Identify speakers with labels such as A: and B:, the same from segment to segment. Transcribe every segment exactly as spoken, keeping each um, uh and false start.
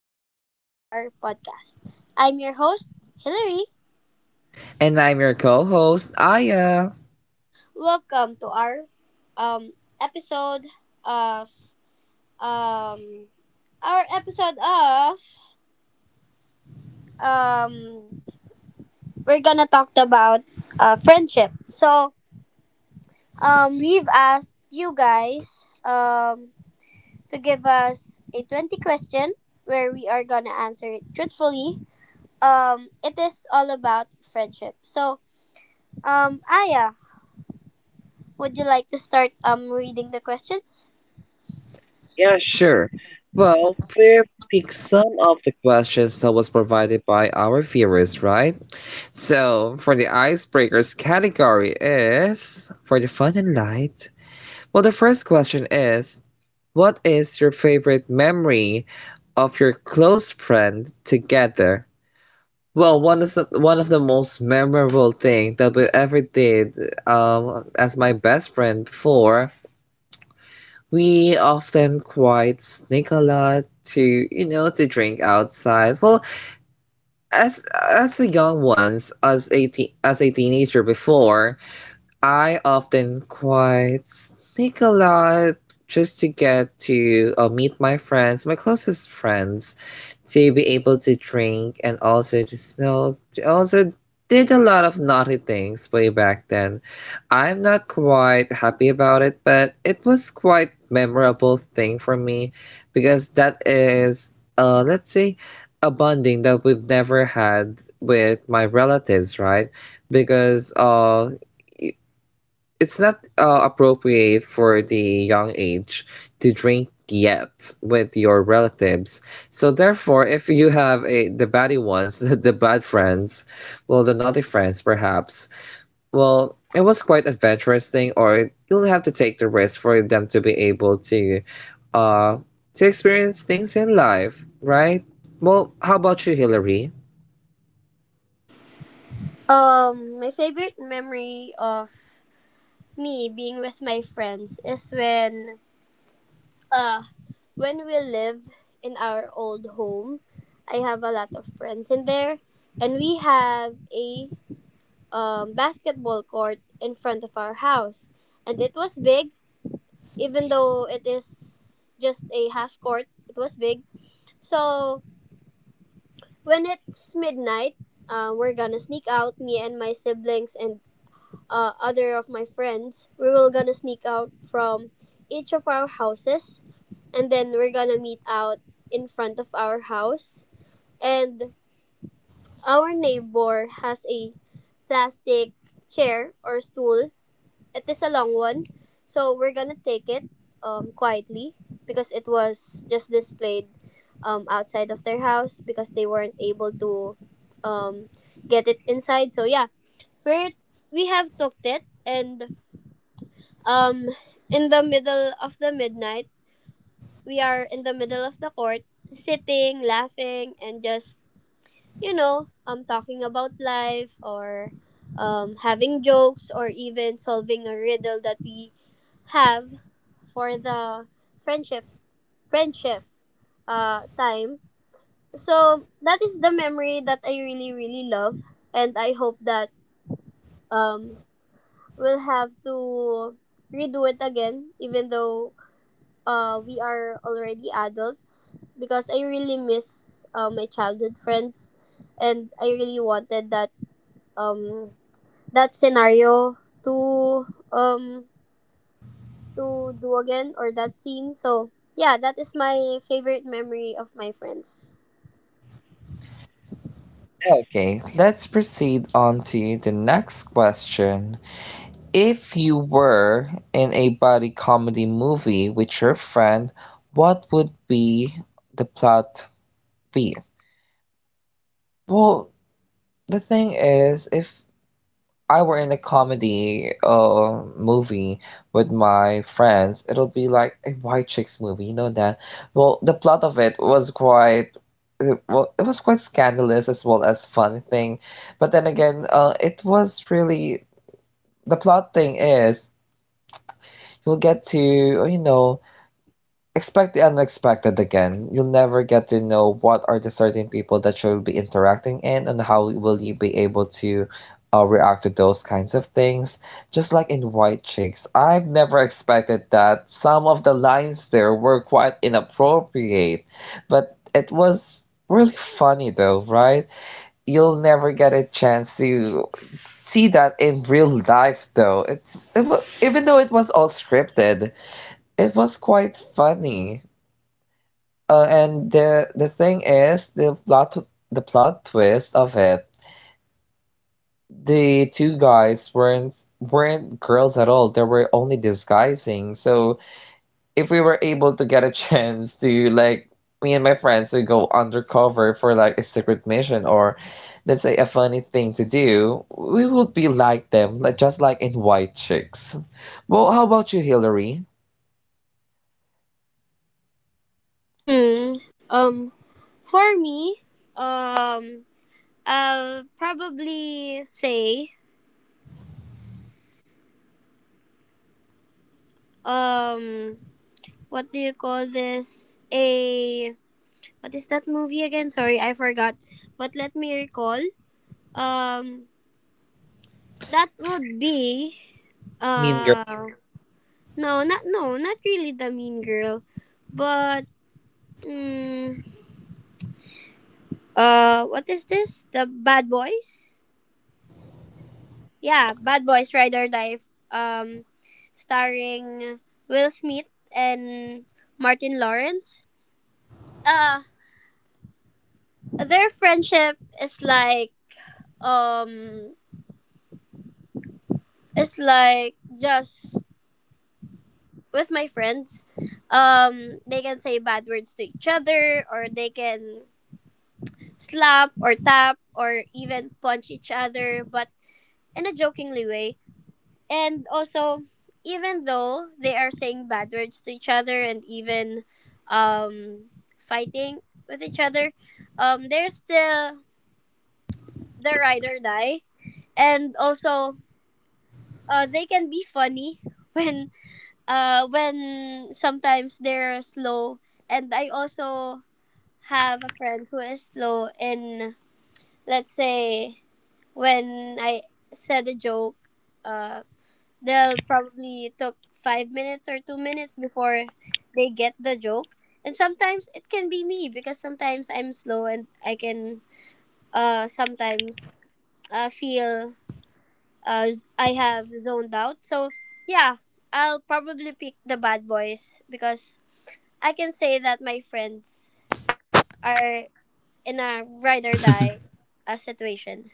A: welcome to our podcast. I'm your host, Hillary.
B: And I'm your co host, Aya.
A: Welcome to our um, episode of um, our episode of um, we're gonna talk about uh, friendship. So um, we've asked you guys um, to give us a twenty question where we are gonna answer it truthfully. Um, it is all about friendship. So Um, Aya, would you like to start um reading the questions?
B: Yeah, sure. Well, we picked some of the questions that was provided by our viewers, right? So, for the icebreakers category is for the fun and light. Well, the first question is, what is your favorite memory of your close friend together? Well, one of the one of the most memorable thing that we ever did um, as my best friend before. We often quite sneak a lot to, you know to drink outside. Well, as as the young ones, as a te- as a teenager before, I often quite sneak a lot just to get to uh, meet my friends, my closest friends, to be able to drink and also to smell. They also did a lot of naughty things way back then. I'm not quite happy about it, but it was quite memorable thing for me because that is, uh let's say, a bonding that we've never had with my relatives, right? Because uh it's not uh, appropriate for the young age to drink yet with your relatives. So therefore, if you have a the baddie ones, the bad friends, well, the naughty friends perhaps, well, it was quite adventurous thing, or you'll have to take the risk for them to be able to, uh, to experience things in life, right? Well, how about you, Hillary?
A: Um, my favorite memory of me being with my friends is when uh when we live in our old home. I have a lot of friends in there and we have a um, basketball court in front of our house, and it was big. Even though it is just a half court, it was big. So when it's midnight, uh, we're gonna sneak out, me and my siblings and uh, other of my friends. We will gonna sneak out from each of our houses, and then we're gonna meet out in front of our house. And our neighbor has a plastic chair or stool, it is a long one, so we're gonna take it um, quietly, because it was just displayed um, outside of their house because they weren't able to um, get it inside. So yeah, we we have tooked it, and um, in the middle of the midnight, we are in the middle of the court, sitting, laughing, and just you know um talking about life, or um, having jokes, or even solving a riddle that we have for the friendship friendship uh time. So that is the memory that I really really love, and I hope that um we'll have to redo it again, even though uh we are already adults, because I really miss uh, my childhood friends, and I really wanted that um that scenario to um to do again, or that scene. So yeah, that is my favorite memory of my friends.
B: Okay, let's proceed on to the next question. If you were in a buddy comedy movie with your friend, what would be the plot be? Well, the thing is, if I were in a comedy uh, movie with my friends, it'll be like a White Chicks movie, you know that. Well, the plot of it was quite, it, well, it was quite scandalous as well as funny thing, but then again, uh, it was really, the plot thing is, you'll get to, you know expect the unexpected again. You'll never get to know what are the certain people that you'll be interacting in and how will you be able to uh, react to those kinds of things. Just like in White Chicks, I've never expected that some of the lines there were quite inappropriate, but it was really funny though, right? You'll never get a chance to see that in real life though. It's it was, even though it was all scripted, it was quite funny. Uh, and the the thing is, the plot tw- the plot twist of it, the two guys weren't weren't girls at all. They were only disguising. So if we were able to get a chance to, like, me and my friends to go undercover for like a secret mission or let's say a funny thing to do, we would be like them, like just like in White Chicks. Well, how about you, Hillary?
A: Hmm. Um. For me, um, I'll probably say, um, what do you call this? A what is that movie again? Sorry, I forgot. But let me recall. Um, that would be
B: Mean.
A: uh, no, not no, not really the Mean Girl, but mm Uh, what is this? The Bad Boys? Yeah, Bad Boys Ride or Die. Um, starring Will Smith and Martin Lawrence. Uh, their friendship is like um, it's like just with my friends. Um, they can say bad words to each other, or they can slap or tap or even punch each other, but in a jokingly way. And also, even though they are saying bad words to each other and even um fighting with each other, um there's the the ride or die. And also uh they can be funny when uh when sometimes they're slow. And I also have a friend who is slow in, let's say, when I said a joke, uh they'll probably took five minutes or two minutes before they get the joke. And sometimes it can be me because sometimes I'm slow, and I can uh sometimes uh, feel uh z- I have zoned out. So yeah, I'll probably pick the Bad Boys because I can say that my friends are in a ride or die uh, situation.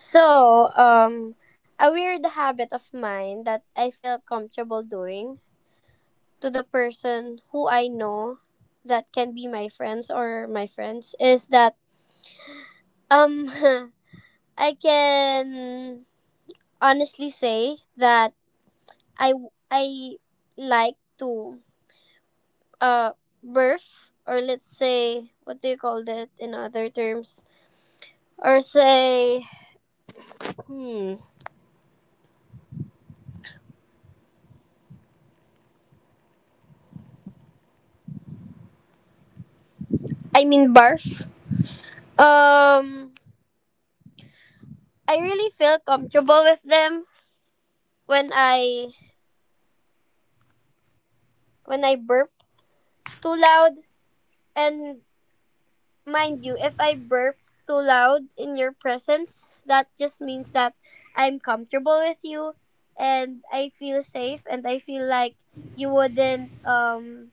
A: So um a weird habit of mine that I feel comfortable doing to the person who I know that can be my friends or my friends is that um I can honestly say that I I like to uh birth, or let's say, what do you call that in other terms, or say hmm I mean barf. um I really feel comfortable with them when I when I burp too loud. And mind you, if I burp too loud in your presence, that just means that I'm comfortable with you, and I feel safe, and I feel like you wouldn't um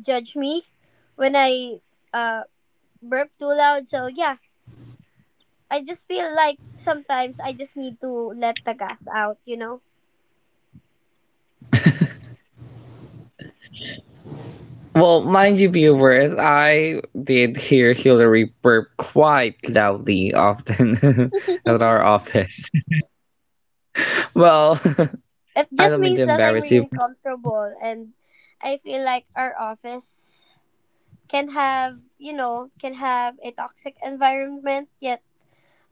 A: judge me when I uh burp too loud. So yeah, I just feel like sometimes I just need to let the gas out, you know? It just means that I'm really comfortable, and I feel like our office can have, you know, can have a toxic environment, yet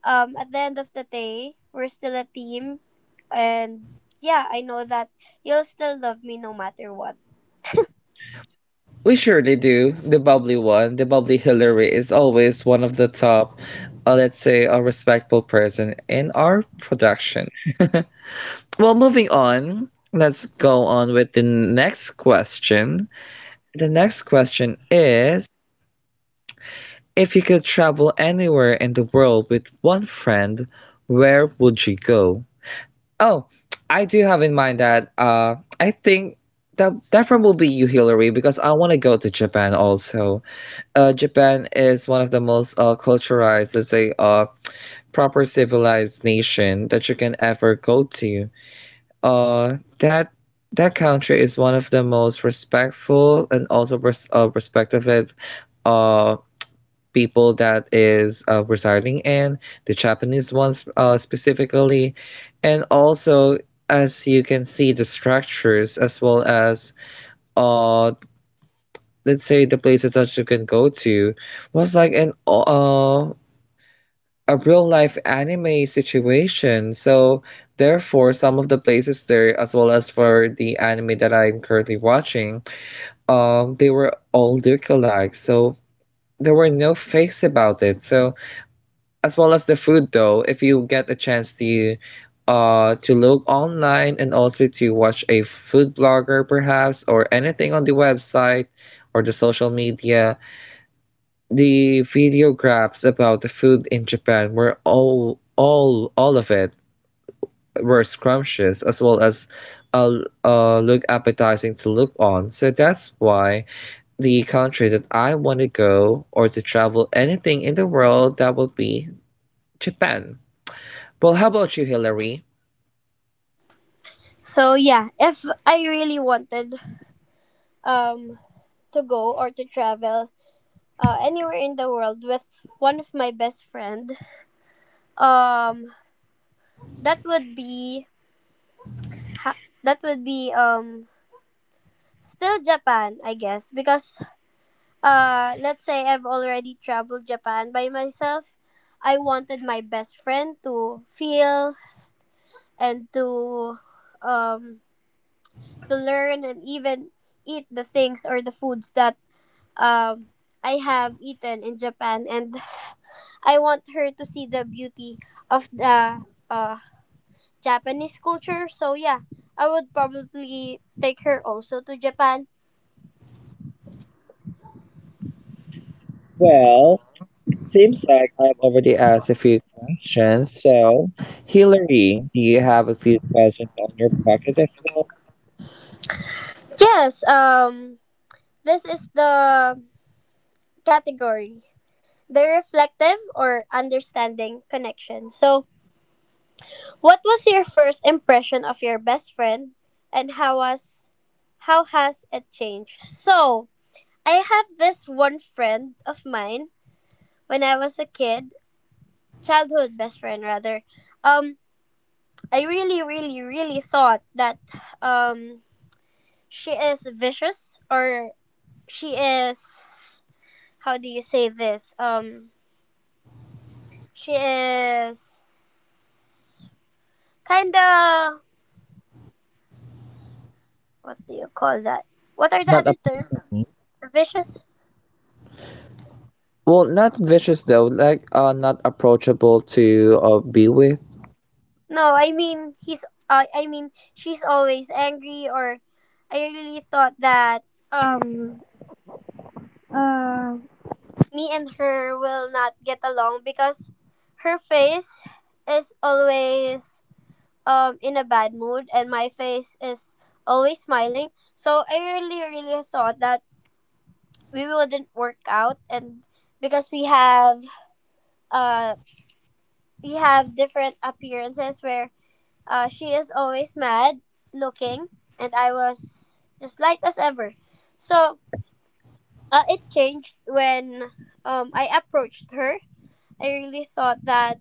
A: um, at the end of the day, we're still a team. And yeah, I know that you'll still love me no matter what. So yeah, if I really wanted um, to go or to travel uh, anywhere in the world with one of my best friend, um, that would be ha- that would be um, still Japan, I guess, because uh, let's say I've already traveled Japan by myself. I wanted my best friend to feel and to um to learn and even eat the things or the foods that um I have eaten in Japan, and I want her to see the beauty of the uh Japanese culture. So yeah, I would probably take her also to Japan. Yes, um this is the category, the reflective or understanding connection. So what was your first impression of your best friend, and how was how has it changed? So, I have this one friend of mine when I was a kid, childhood best friend rather. Um I really really really thought that um she is vicious, or she is, how do you say this? Um she is kind of, what do you call that? What are the other terms? Vicious? No, I mean he's. Uh, I mean she's always angry. Or I really thought that um uh me and her will not get along because her face is always um in a bad mood, and my face is always smiling. So I really really thought that we wouldn't work out, and because we have uh we have different appearances, where uh, she is always mad looking, and I was just light as ever. So uh, it changed when um, I approached her. I really thought that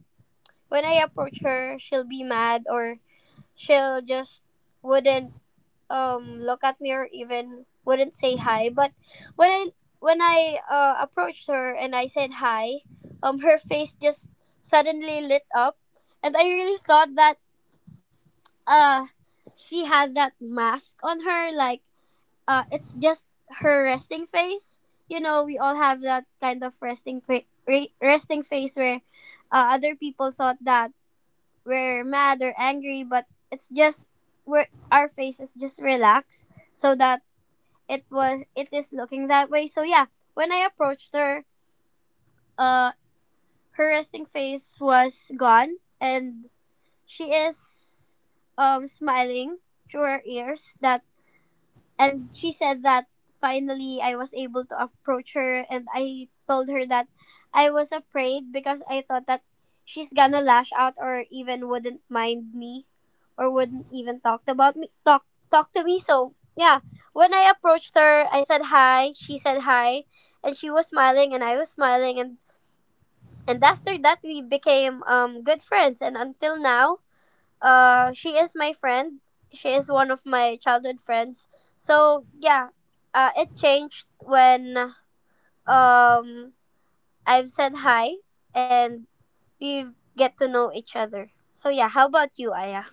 A: when I approach her, she'll be mad, or she'll just wouldn't um, look at me, or even wouldn't say hi. But when I when I uh, approached her and I said hi, um, her face just suddenly lit up, and I really thought that uh she had that mask on her, like uh it's just her resting face. You know, we all have that kind of resting fa- re- resting face where uh, other people thought that we're mad or angry, but it's just where our face is just relaxed. So that it was, it is looking that way. So yeah, when I approached her, uh her resting face was gone, and she is um smiling through her ears, that, and she said that finally I was able to approach her, and I told her that I was afraid because I thought that she's gonna lash out or even wouldn't mind me, or wouldn't even talk about me talk talk to me So yeah, when I approached her I said hi, she said hi, and she was smiling and I was smiling, and and after that we became um good friends, and until now uh, she is my friend. She is one of my childhood friends. So yeah, uh, it changed when um I've said hi, and we get to know each other. So yeah, how about you, Aya?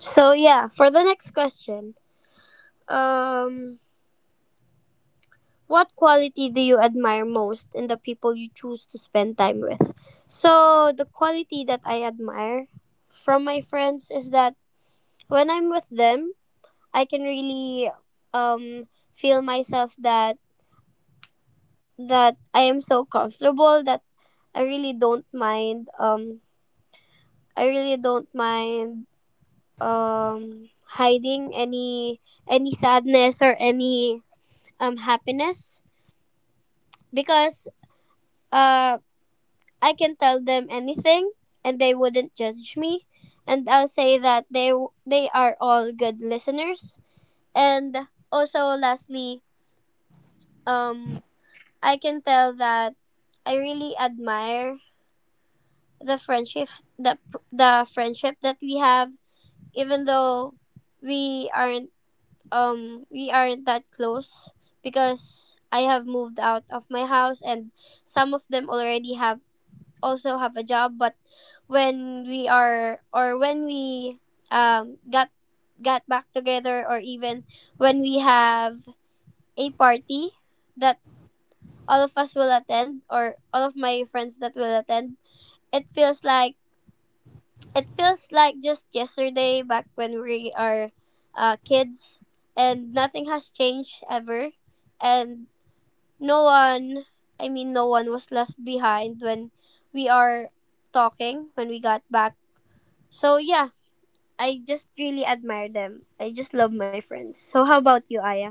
A: So yeah, for the next question, um, what quality do you admire most in the people you choose to spend time with? So the quality that I admire from my friends is that when I'm with them, I can really um feel myself that that I am so comfortable that I really don't mind, um I really don't mind um hiding any any sadness or any um happiness, because uh I can tell them anything and they wouldn't judge me, and I'll say that they they are all good listeners. And also lastly, um I can tell that I really admire the friendship, the the friendship that we have, even though we aren't um we aren't that close, because I have moved out of my house, and some of them already have also have a job. But when we are or when we um got got back together, or even when we have a party that all of us will attend, or all of my friends that will attend, it feels like, it feels like just yesterday back when we are uh, kids, and nothing has changed ever. And no one, I mean, no one was left behind when we are talking when we got back. So yeah, I just really admire them, I just love my friends. So how about you, Aya?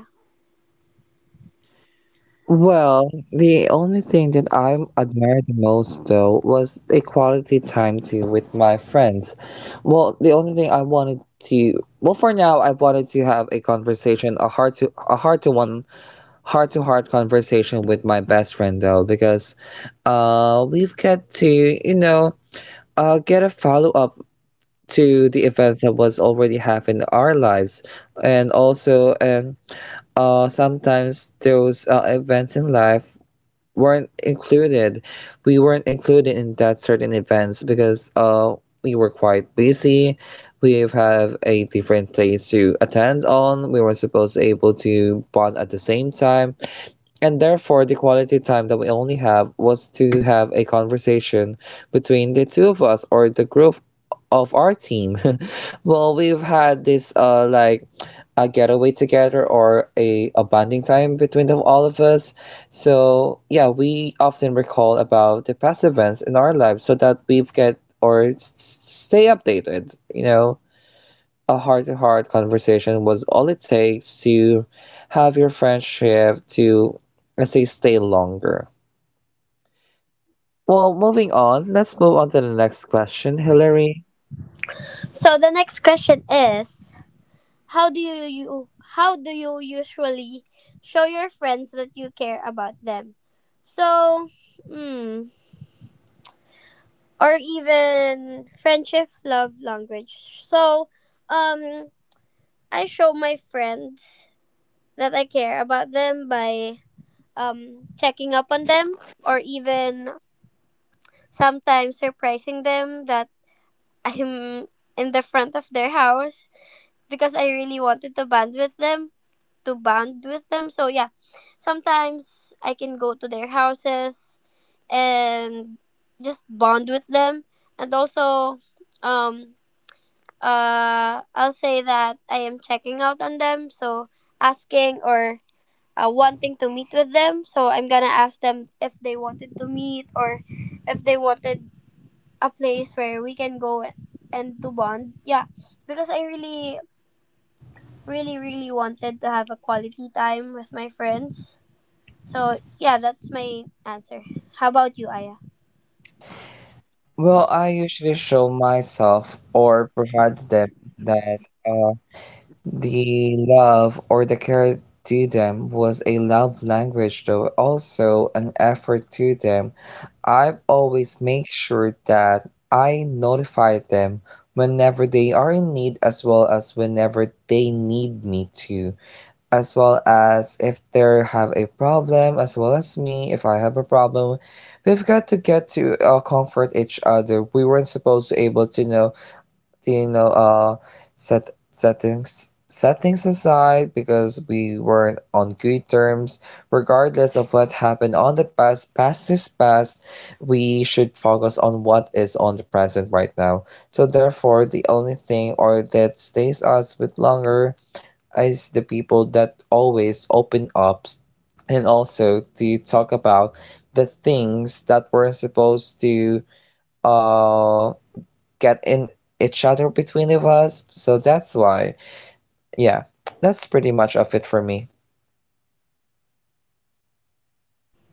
A: So the next question is, How do you, you how do you usually show your friends that you care about them? So, mm, or even friendship love language. So um I show my friends that I care about them by um checking up on them, or even sometimes surprising them that I'm in the front of their house because I really wanted to bond with them to bond with them. So yeah, sometimes I can go to their houses and just bond with them. And also, um, uh, I'll say that I am checking out on them. So asking or uh, wanting to meet with them. So I'm gonna ask them if they wanted to meet, or if they wanted a place where we can go and to bond. Yeah, because I really, really, really wanted to have a quality time with my friends. So, yeah, that's my answer. How about you, Aya?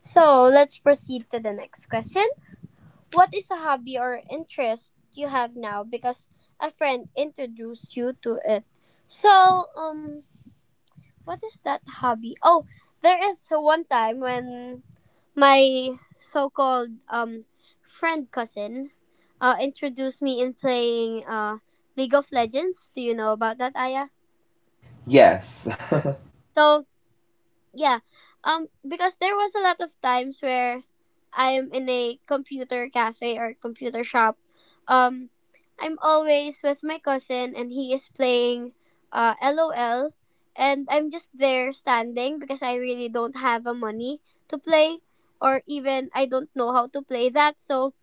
A: So, let's proceed to the next question. What is a hobby or interest you have now because a friend introduced you to it? So, um, what is that hobby? Oh, there is one time when my so-called um friend cousin uh introduced me in playing uh League of Legends. Do you know about that, Aya? So, yeah, um because there was a lot of times where I am in a computer cafe or computer shop. um I'm always with my cousin and he is playing uh lol, and I'm just there standing because I really don't have a money to play, or even I don't know how to play that. So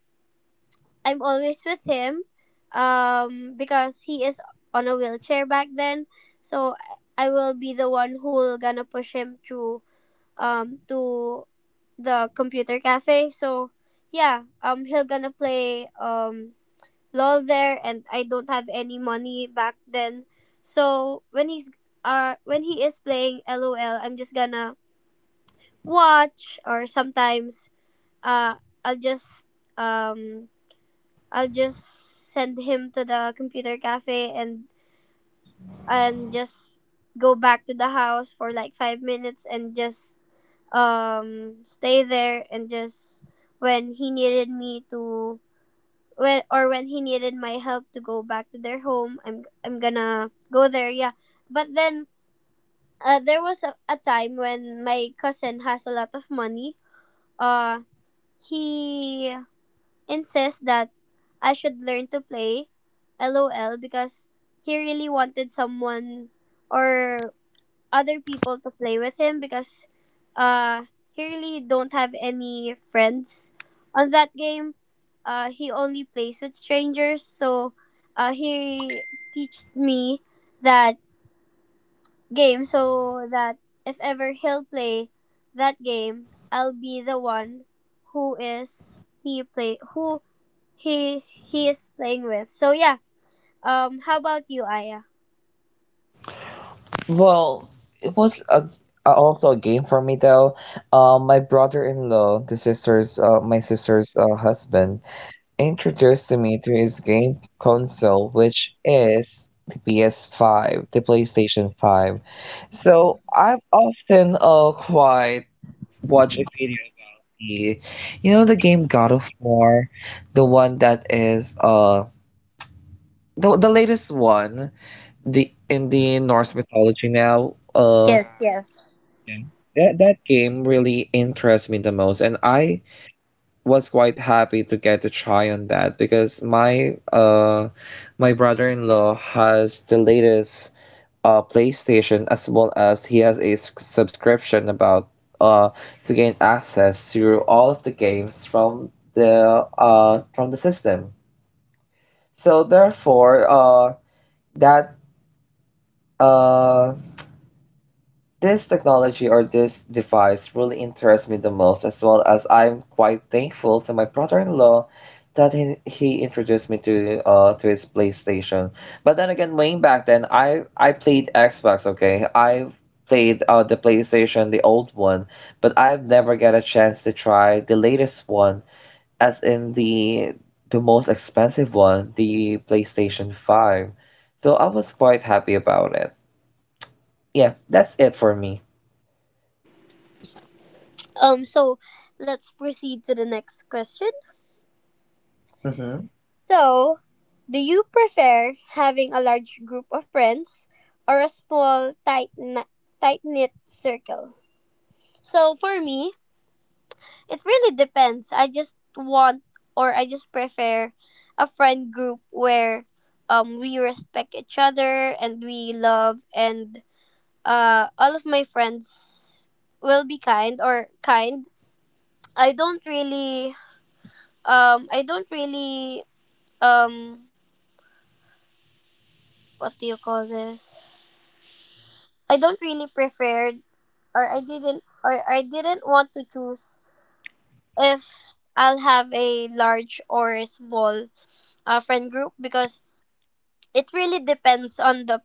A: I'm always with him, um because he is on a wheelchair back then. So i I will be the one who will gonna push him through um to the computer cafe. So yeah, um he'll gonna play um LOL there, and I don't have any money back then. So when he's uh when he is playing LOL, I'm just gonna watch, or sometimes uh I'll just um I'll just send him to the computer cafe and and just go back to the house for like five minutes and just um stay there, and just when he needed me to when or when he needed my help to go back to their home, i'm i'm gonna go there, yeah. But then uh, there was a, a time when my cousin has a lot of money. uh he insists that I should learn to play lol, because he really wanted someone or other people to play with him, because uh he really don't have any friends on that game. Uh he only plays with strangers, so uh he teached me that game, so that if ever he'll play that game, I'll be the one who is he play who he he is playing with. So yeah. Um how about you, Aya? Yes, yes. Um so let's proceed to the next question. So, do you prefer having a large group of friends or a small, tight, tight knit circle? So, for me, it really depends. I just want, or I just prefer, a friend group where um, we respect each other and we love, and uh, all of my friends will be kind or kind. I don't really, um, I don't really, um, what do you call this? I don't really prefer, or I didn't, or I didn't want to choose if I'll have a large or a small uh, friend group, because it really depends on the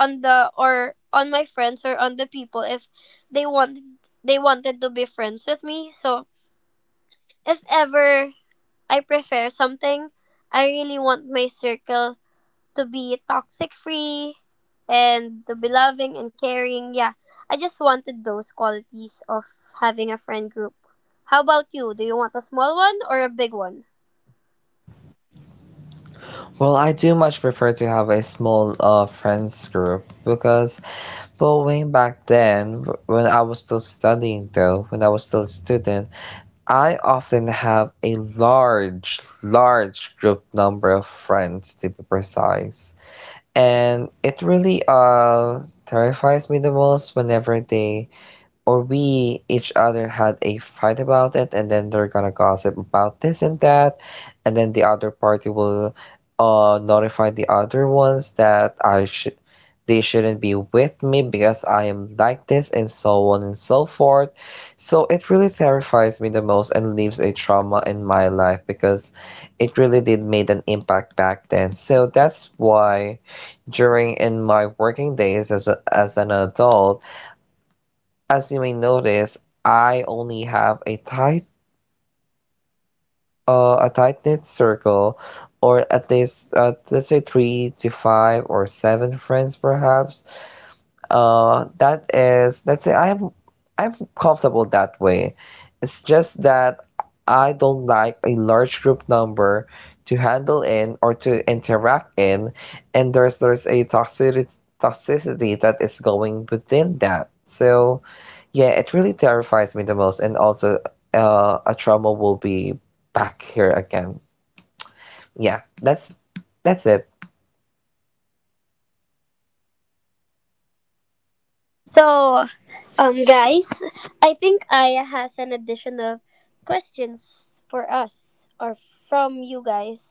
A: on the or on my friends or on the people, if they want, they wanted to be friends with me. So if ever I prefer something, I really want my circle to be toxic free and to be loving and caring. Yeah, I just wanted those qualities of having a friend group. How about you? Do you want a small one or a big one? So, um, guys, I think Aya has an additional questions for us or from you guys.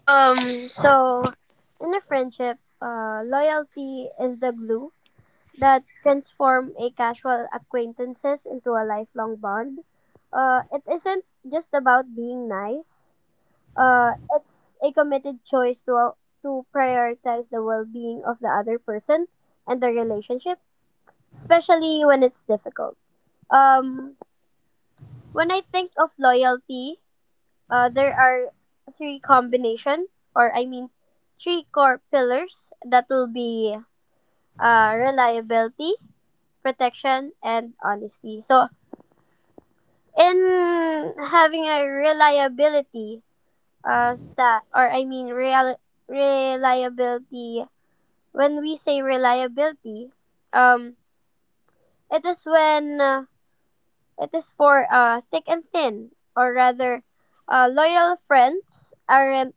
A: Um, so in a friendship, uh, loyalty is the glue that transform a casual acquaintances into a lifelong bond. Uh, it isn't just about being nice. Uh, it's a committed choice to to prioritize the well-being of the other person and the relationship, especially when it's difficult. Um, when I think of loyalty, uh, there are three combination, or I mean three core pillars that will be uh, reliability, protection, and honesty. So, in having a reliability uh, staff, or I mean, real, reliability, when we say reliability, um, it is when uh, it is for uh, thick and thin, or rather, uh, loyal friends aren't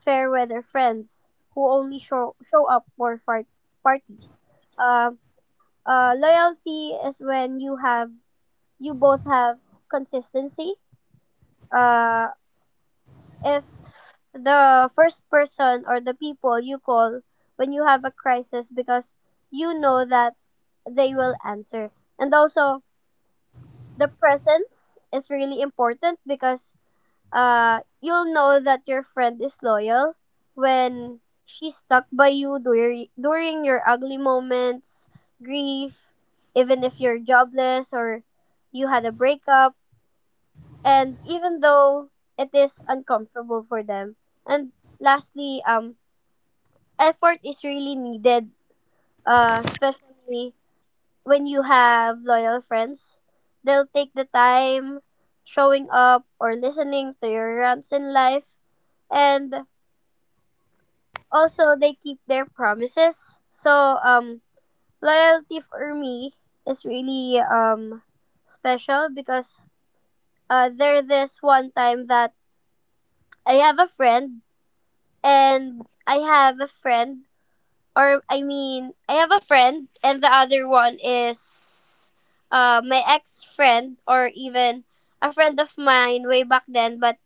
A: fair weather friends who only show, show up for far- parties. Um, uh, loyalty is when you have you both have consistency. Uh, if the first person or the people you call when you have a crisis, because you know that they will answer. And also, the presence is really important, because uh, you'll know that your friend is loyal when she's stuck by you during, during your ugly moments, grief, even if you're jobless or you had a breakup, and even though it is uncomfortable for them. And lastly, um, effort is really needed, uh, especially when you have loyal friends. They'll take the time showing up or listening to your rants in life, and also they keep their promises. So, um, loyalty for me is really um special, because uh, there this one time that I have a friend and I have a friend, or I mean, I have a friend, and the other one is uh, my ex friend, or even a friend of mine way back then. But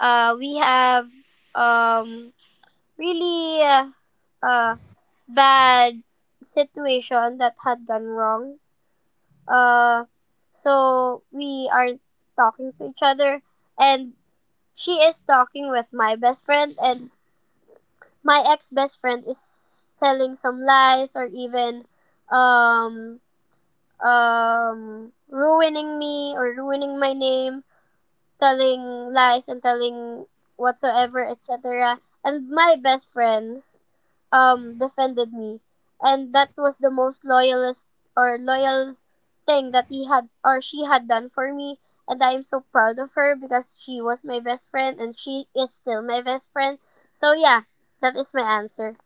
A: uh, we have um, really uh, uh, bad situation that had gone wrong. Uh, so we aren't talking to each other, and she is talking with my best friend, and my ex best friend is telling some lies, or even um um ruining me or ruining my name, telling lies and telling whatsoever, et cetera. And my best friend um defended me. And that was the most loyalist or loyal thing that he had or she had done for me, and I am so proud of her, because she was my best friend and she is still my best friend. So yeah, that is my answer.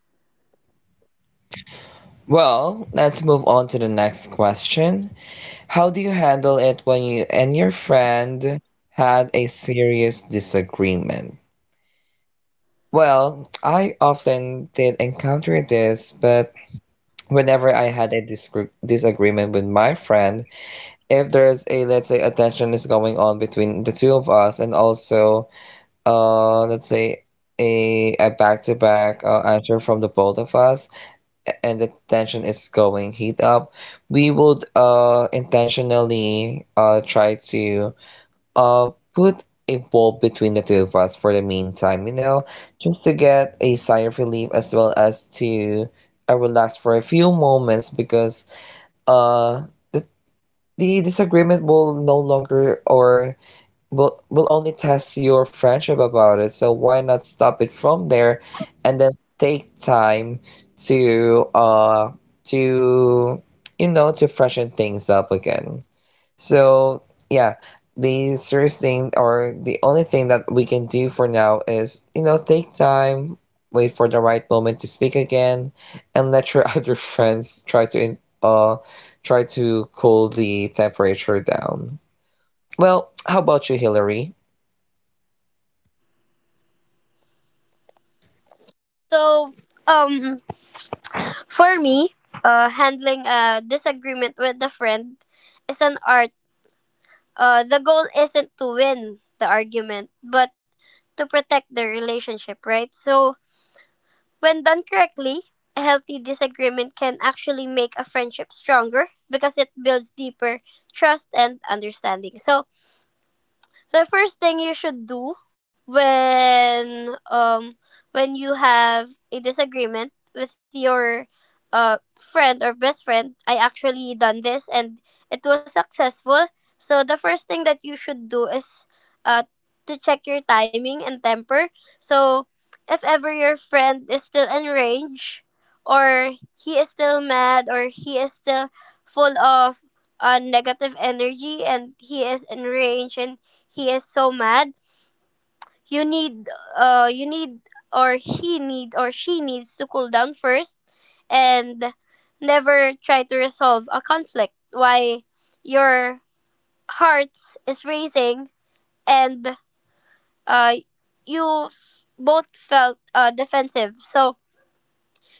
A: So, um, for me, uh, handling a disagreement with a friend is an art. Uh, the goal isn't to win the argument, but to protect the relationship, right? So, when done correctly, a healthy disagreement can actually make a friendship stronger, because it builds deeper trust and understanding. So, So, the first thing you should do when um when you have a disagreement with your uh friend or best friend, I actually done this and it was successful. So the first thing that you should do is uh to check your timing and temper. So if ever your friend is still enraged, or he is still mad, or he is still full of uh, negative energy, and he is enraged and he is so mad, you need uh you need, or he need, or she needs to cool down first, and never try to resolve a conflict why your heart is racing, and uh you both felt uh defensive. So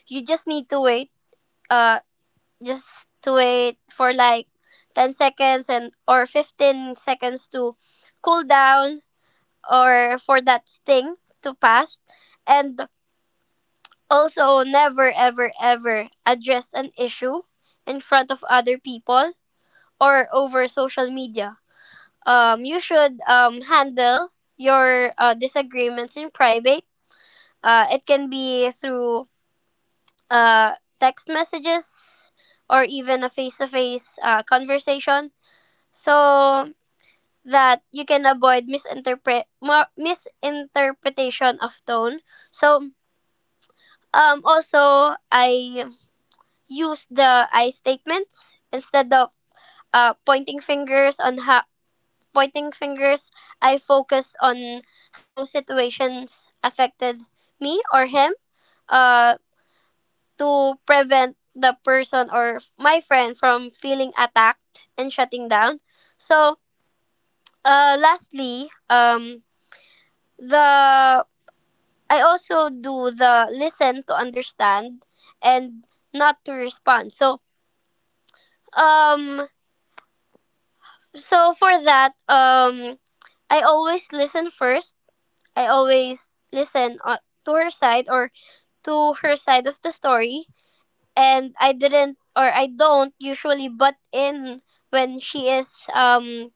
A: you just need to wait, uh just to wait for like ten seconds and or fifteen seconds, to cool down or for that thing to pass. And also, never ever ever address an issue in front of other people or over social media. Um, you should um, handle your uh, disagreements in private. Uh, it can be through uh, text messages, or even a face-to-face uh, conversation, so that you can avoid misinterpret mo- misinterpretation of tone. So Um, also, I use the I statements instead of uh, pointing fingers on how pointing fingers. I focus on how situations affected me or him, uh, to prevent the person or my friend from feeling attacked and shutting down. So, uh, lastly, um, the I also do the listen to understand and not to respond. So Um so for that, um I always listen first. I always listen, uh, to her side, or to her side of the story, and I didn't, or I don't usually butt in when she is um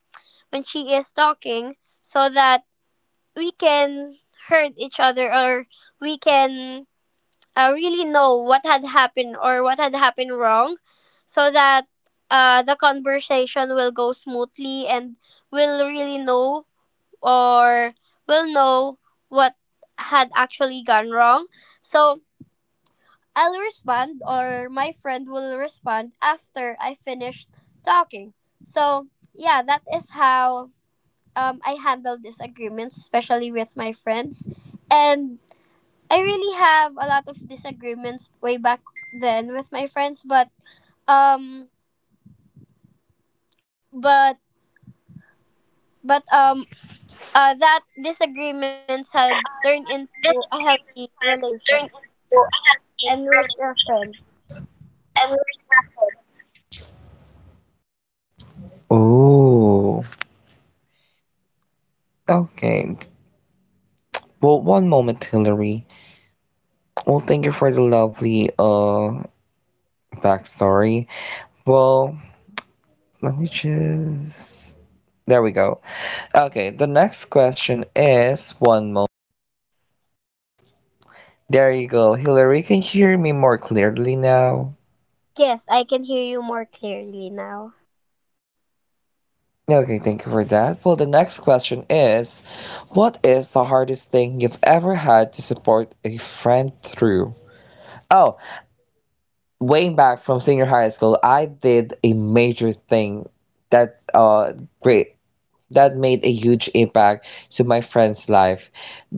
A: when she is talking, so that we can hurt each other, or we can uh, really know what had happened, or what had happened wrong, so that uh, the conversation will go smoothly, and will really know, or will know what had actually gone wrong. So I'll respond, or my friend will respond after I finished talking. So yeah, that is how um, I handle disagreements, especially with my friends. And I really have a lot of disagreements way back then with my friends, but um, but but um, uh, that disagreements had turned into a healthy relationship, and we're still friends.
B: Oh, okay. Well, one moment, Hillary. Well, thank you for the lovely uh backstory. Well, let me just. There we go. Okay, the next question is, one moment. There you go, Hillary. Can you hear me more clearly now?
A: Yes, I can hear you more clearly now.
B: Okay, thank you for that. Well, the next question is, what is the hardest thing you've ever had to support a friend through? Oh, way back from senior high school, I did a major thing that, uh great, that made a huge impact to my friend's life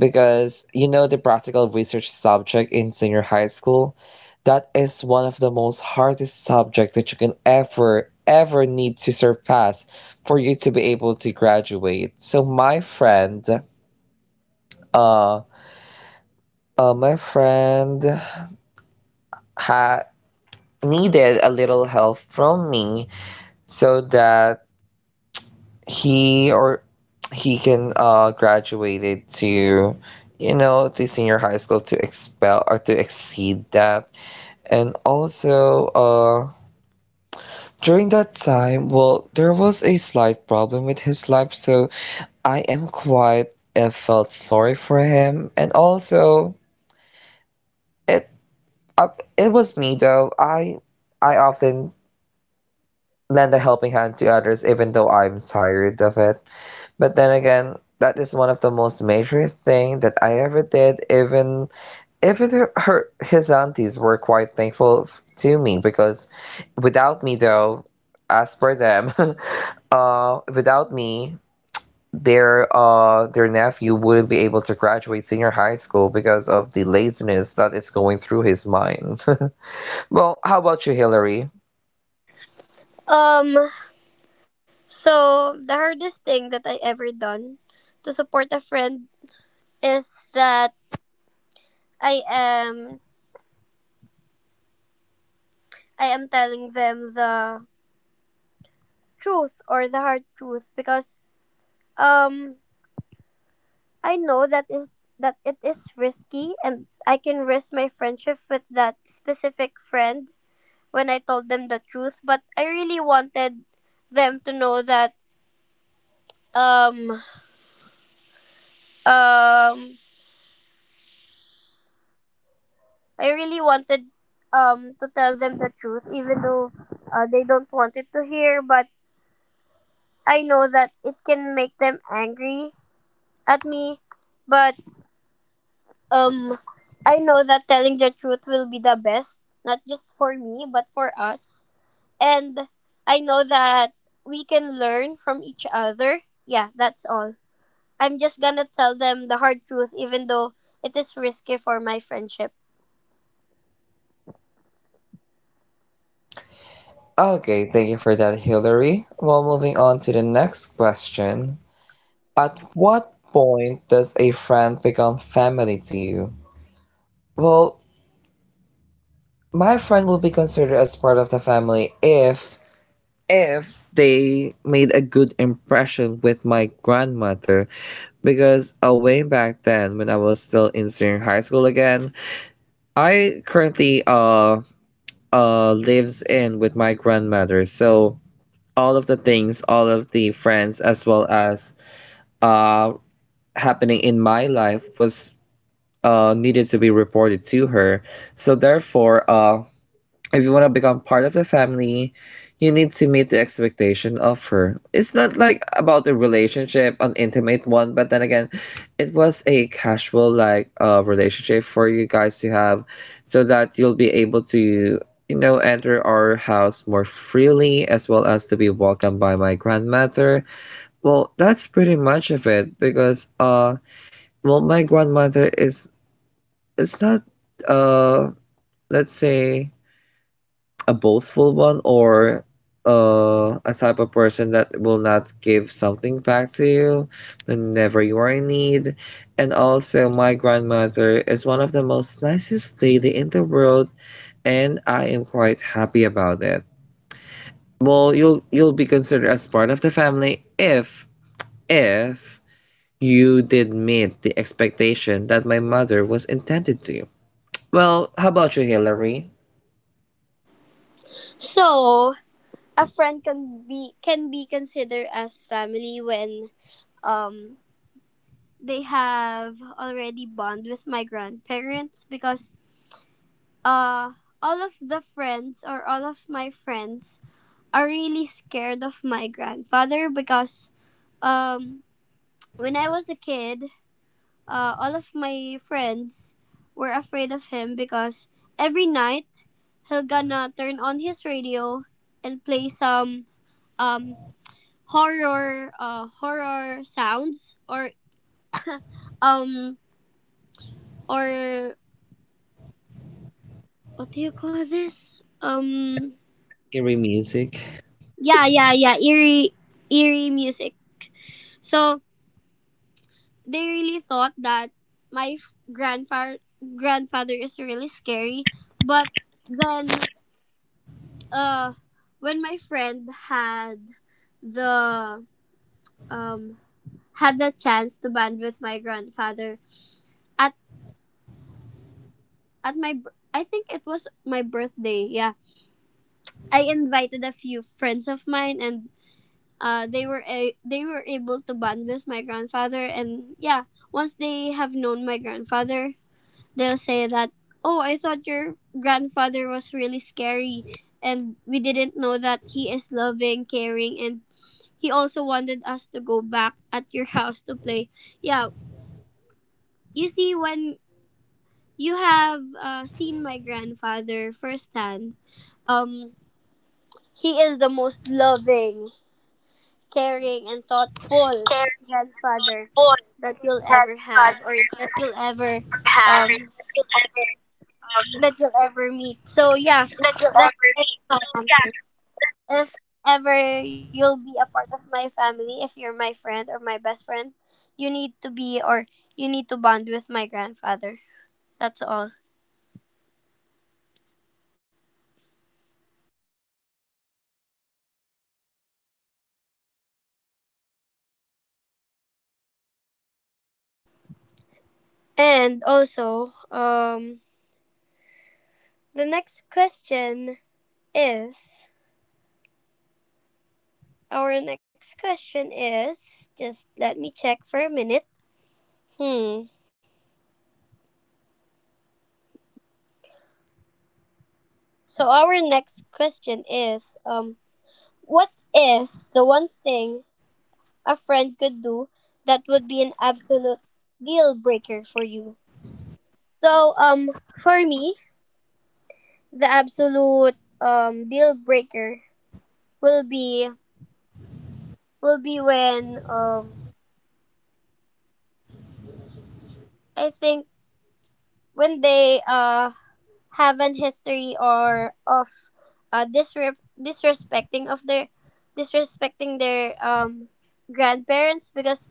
B: because you know the practical research subject in senior high school, that is one of the most hardest subject that you can ever ever need to surpass for you to be able to graduate. So my friend, uh, uh my friend had needed a little help from me so that he or he can uh graduated to, you know, the senior high school, to expel or to exceed that. And also uh during that time, well, there was a slight problem with his life, so I am quite and felt sorry for him. And also it, uh, it was me though, i i often lend a helping hand to others even though I'm tired of it. But then again, that is one of the most major thing that I ever did. Even even her, her his aunties were quite thankful f- to me because without me though, as per them, uh, without me, their uh their nephew wouldn't be able to graduate senior high school because of the laziness that is going through his mind. Well, how about you, Hillary?
A: Um, so the hardest thing that I ever done to support a friend is that I am I am telling them the truth or the hard truth because um I know that is that it is risky and I can risk my friendship with that specific friend when I told them the truth, but I really wanted them to know that um um I really wanted um to tell them the truth even though uh, they don't want it to hear, but I know that it can make them angry at me, but um I know that telling the truth will be the best, not just for me, but for us. And I know that we can learn from each other. Yeah, that's all. I'm just gonna tell them the hard truth, even though it is risky for my friendship.
B: Okay, thank you for that, Hillary. Well, moving on to the next question. At what point does a friend become family to you? Well, my friend will be considered as part of the family if if they made a good impression with my grandmother, because way back then when I was still in senior high school again, I currently uh uh lives in with my grandmother. So all of the things, all of the friends, as well as uh happening in my life was uh, needed to be reported to her. So therefore, uh, if you want to become part of the family, you need to meet the expectation of her. It's not like about the relationship, an intimate one, but then again, it was a casual like uh, relationship for you guys to have, so that you'll be able to, you know, enter our house more freely as well as to be welcomed by my grandmother. Well, that's pretty much of it because uh well, my grandmother is, it's not, uh let's say, a boastful one, or uh a type of person that will not give something back to you whenever you are in need. And also my grandmother is one of the most nicest lady in the world, and I am quite happy about it. Well, you'll you'll be considered as part of the family if if you did meet the expectation that my mother was intended to. Well, how about you, Hillary?
A: So a friend can be can be considered as family when um they have already bond with my grandparents because uh all of the friends or all of my friends are really scared of my grandfather because um when I was a kid, uh, all of my friends were afraid of him because every night he'll gonna turn on his radio and play some um horror uh horror sounds or um or what do you call this, um
B: Eerie music.
A: yeah yeah yeah eerie eerie music. So they really thought that my grandfather grandfather is really scary, but then, uh when my friend had the um had the chance to band with my grandfather at at my bir- I think it was my birthday. Yeah. I invited a few friends of mine and uh they were a- they were able to band with my grandfather, and yeah, once they have known my grandfather, they'll say that, "Oh, I thought your grandfather was really scary. And we didn't know that he is loving, caring, and" He also wanted us to go back at your house to play. Yeah, you see, when you have uh, seen my grandfather firsthand, um, he is the most loving, caring, and thoughtful grandfather that you'll ever have or that you'll ever um that you'll ever meet. So yeah, that is my answer. If ever you'll be a part of my family, if you're my friend or my best friend, you need to be or you need to bond with my grandfather. That's all. And also, um, the next question is, our next question is, just let me check for a minute. Hmm. So our next question is, um, what is the one thing a friend could do that would be an absolute deal breaker for you? So um for me, the absolute um deal breaker will be, will be when um I think when they uh have an history or of uh disre- disrespecting of their disrespecting their um grandparents because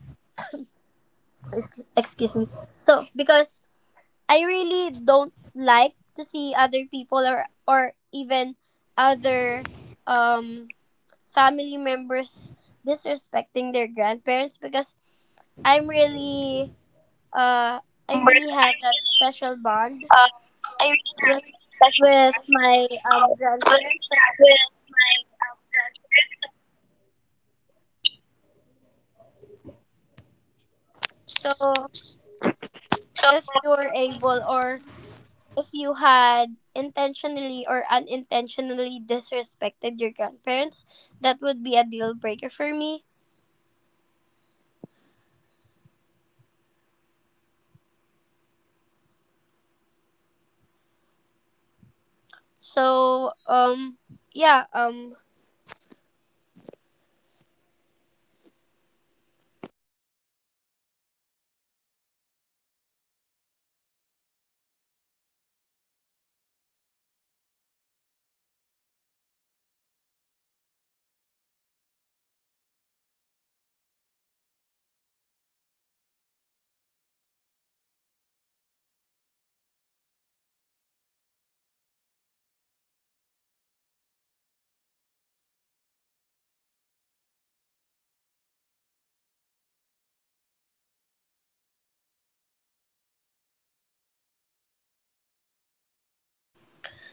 A: ex- excuse me. So because I really don't like to see other people or or even other um family members disrespecting their grandparents because I'm really uh I really have that special bond with with my um grandparents. So so if you were able or if you had intentionally or unintentionally disrespected your grandparents, that would be a deal breaker for me. So um yeah, um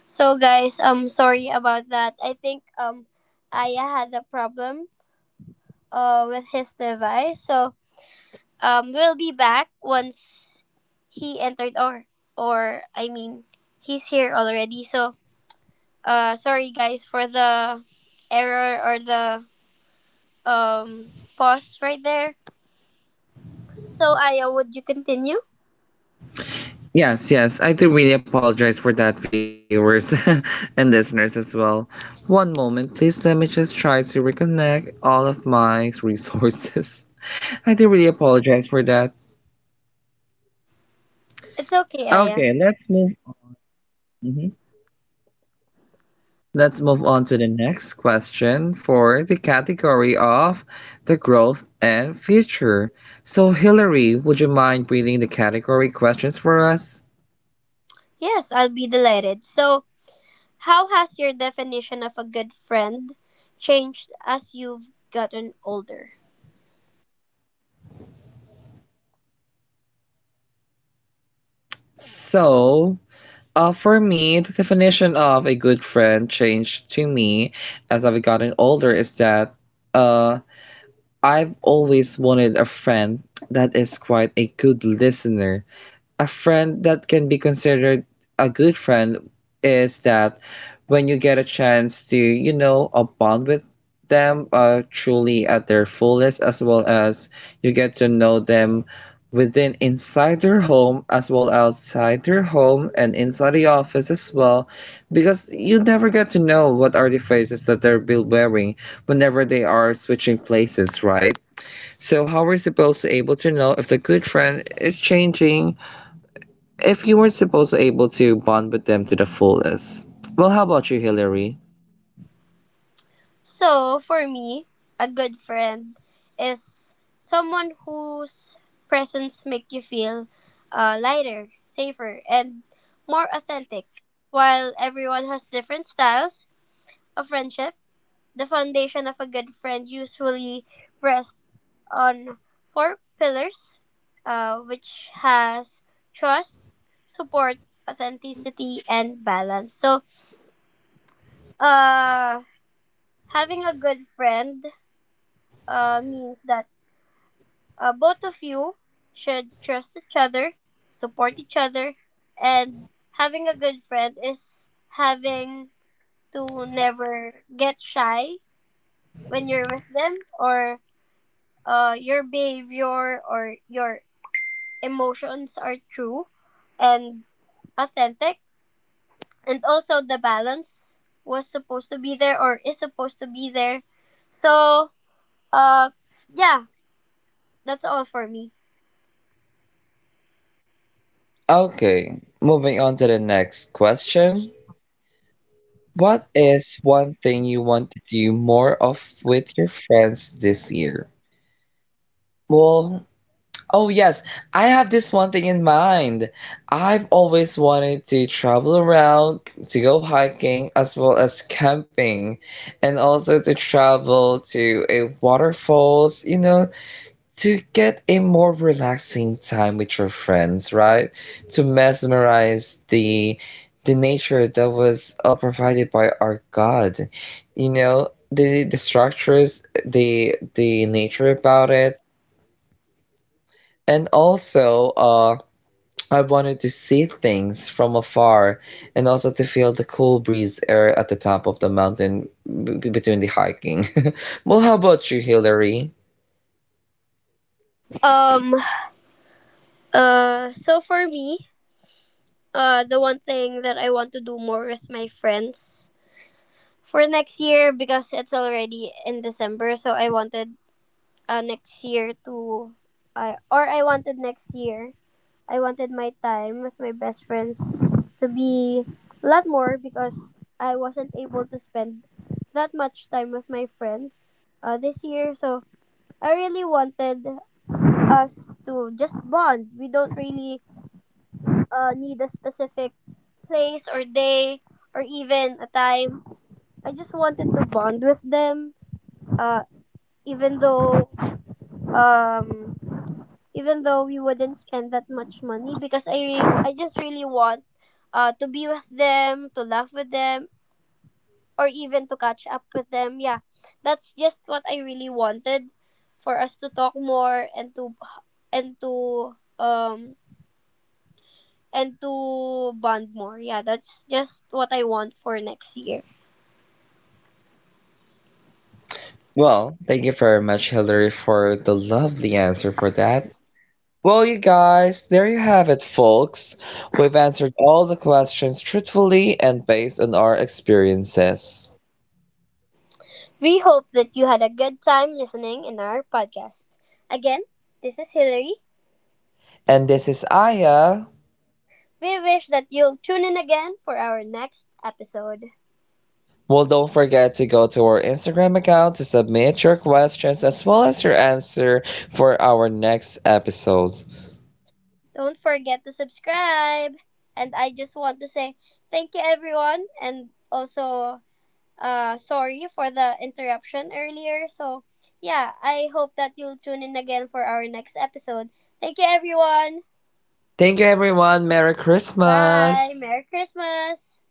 A: so guys, I'm sorry about that. I think um Aya had a problem uh, with his device. So um, we'll be back once he entered or or I mean he's here already. So uh, sorry guys for the error or the um pause right there. So Aya, would you continue?
B: Yes, yes, I do really apologize for that, viewers, and listeners as well. One moment, please. Let me just try to reconnect all of my resources. I do really apologize for that.
A: It's okay, Aya. Yes, I'll be delighted. So how has your definition of a good friend changed as you've gotten older? So for me, a good friend is someone whose presence make you feel uh, lighter, safer, and more authentic. While everyone has different styles of friendship, the foundation of a good friend usually rests on four pillars, uh, which has trust, support, authenticity, and balance. So, uh, having a good friend uh, means that uh, both of you should trust each other, support each other, and having a good friend is having to never get shy when you're with them, or uh, your behavior or your emotions are true and authentic. And also, the balance was supposed to be there or is supposed to be there. So, uh, yeah, that's all for me. Um, uh, so for me, uh, the one thing that I want to do more with my friends for next year, because it's already in December. So I wanted, uh, next year to, uh, or I wanted next year, I wanted my time with my best friends to be a lot more because I wasn't able to spend that much time with my friends uh, this year. So I really wanted us to just bond. We don't really uh, need a specific place or day or even a time. I just wanted to bond with them. Uh, even though um, even though we wouldn't spend that much money, because I I just really want uh, to be with them, to laugh with them, or even to catch up with them. Yeah, that's just what I really wanted, for us to talk more and to and to um and to bond more. Yeah, that's just what I want for next year. We hope that you had a good time listening in our podcast. Again, this is Hillary. We wish that you'll tune in again for our next episode. Don't forget to subscribe. And I just want to say thank you, everyone, and also uh, sorry for the interruption earlier. So, yeah, I hope that you'll tune in again for our next episode. Thank you, everyone. Bye. Merry Christmas.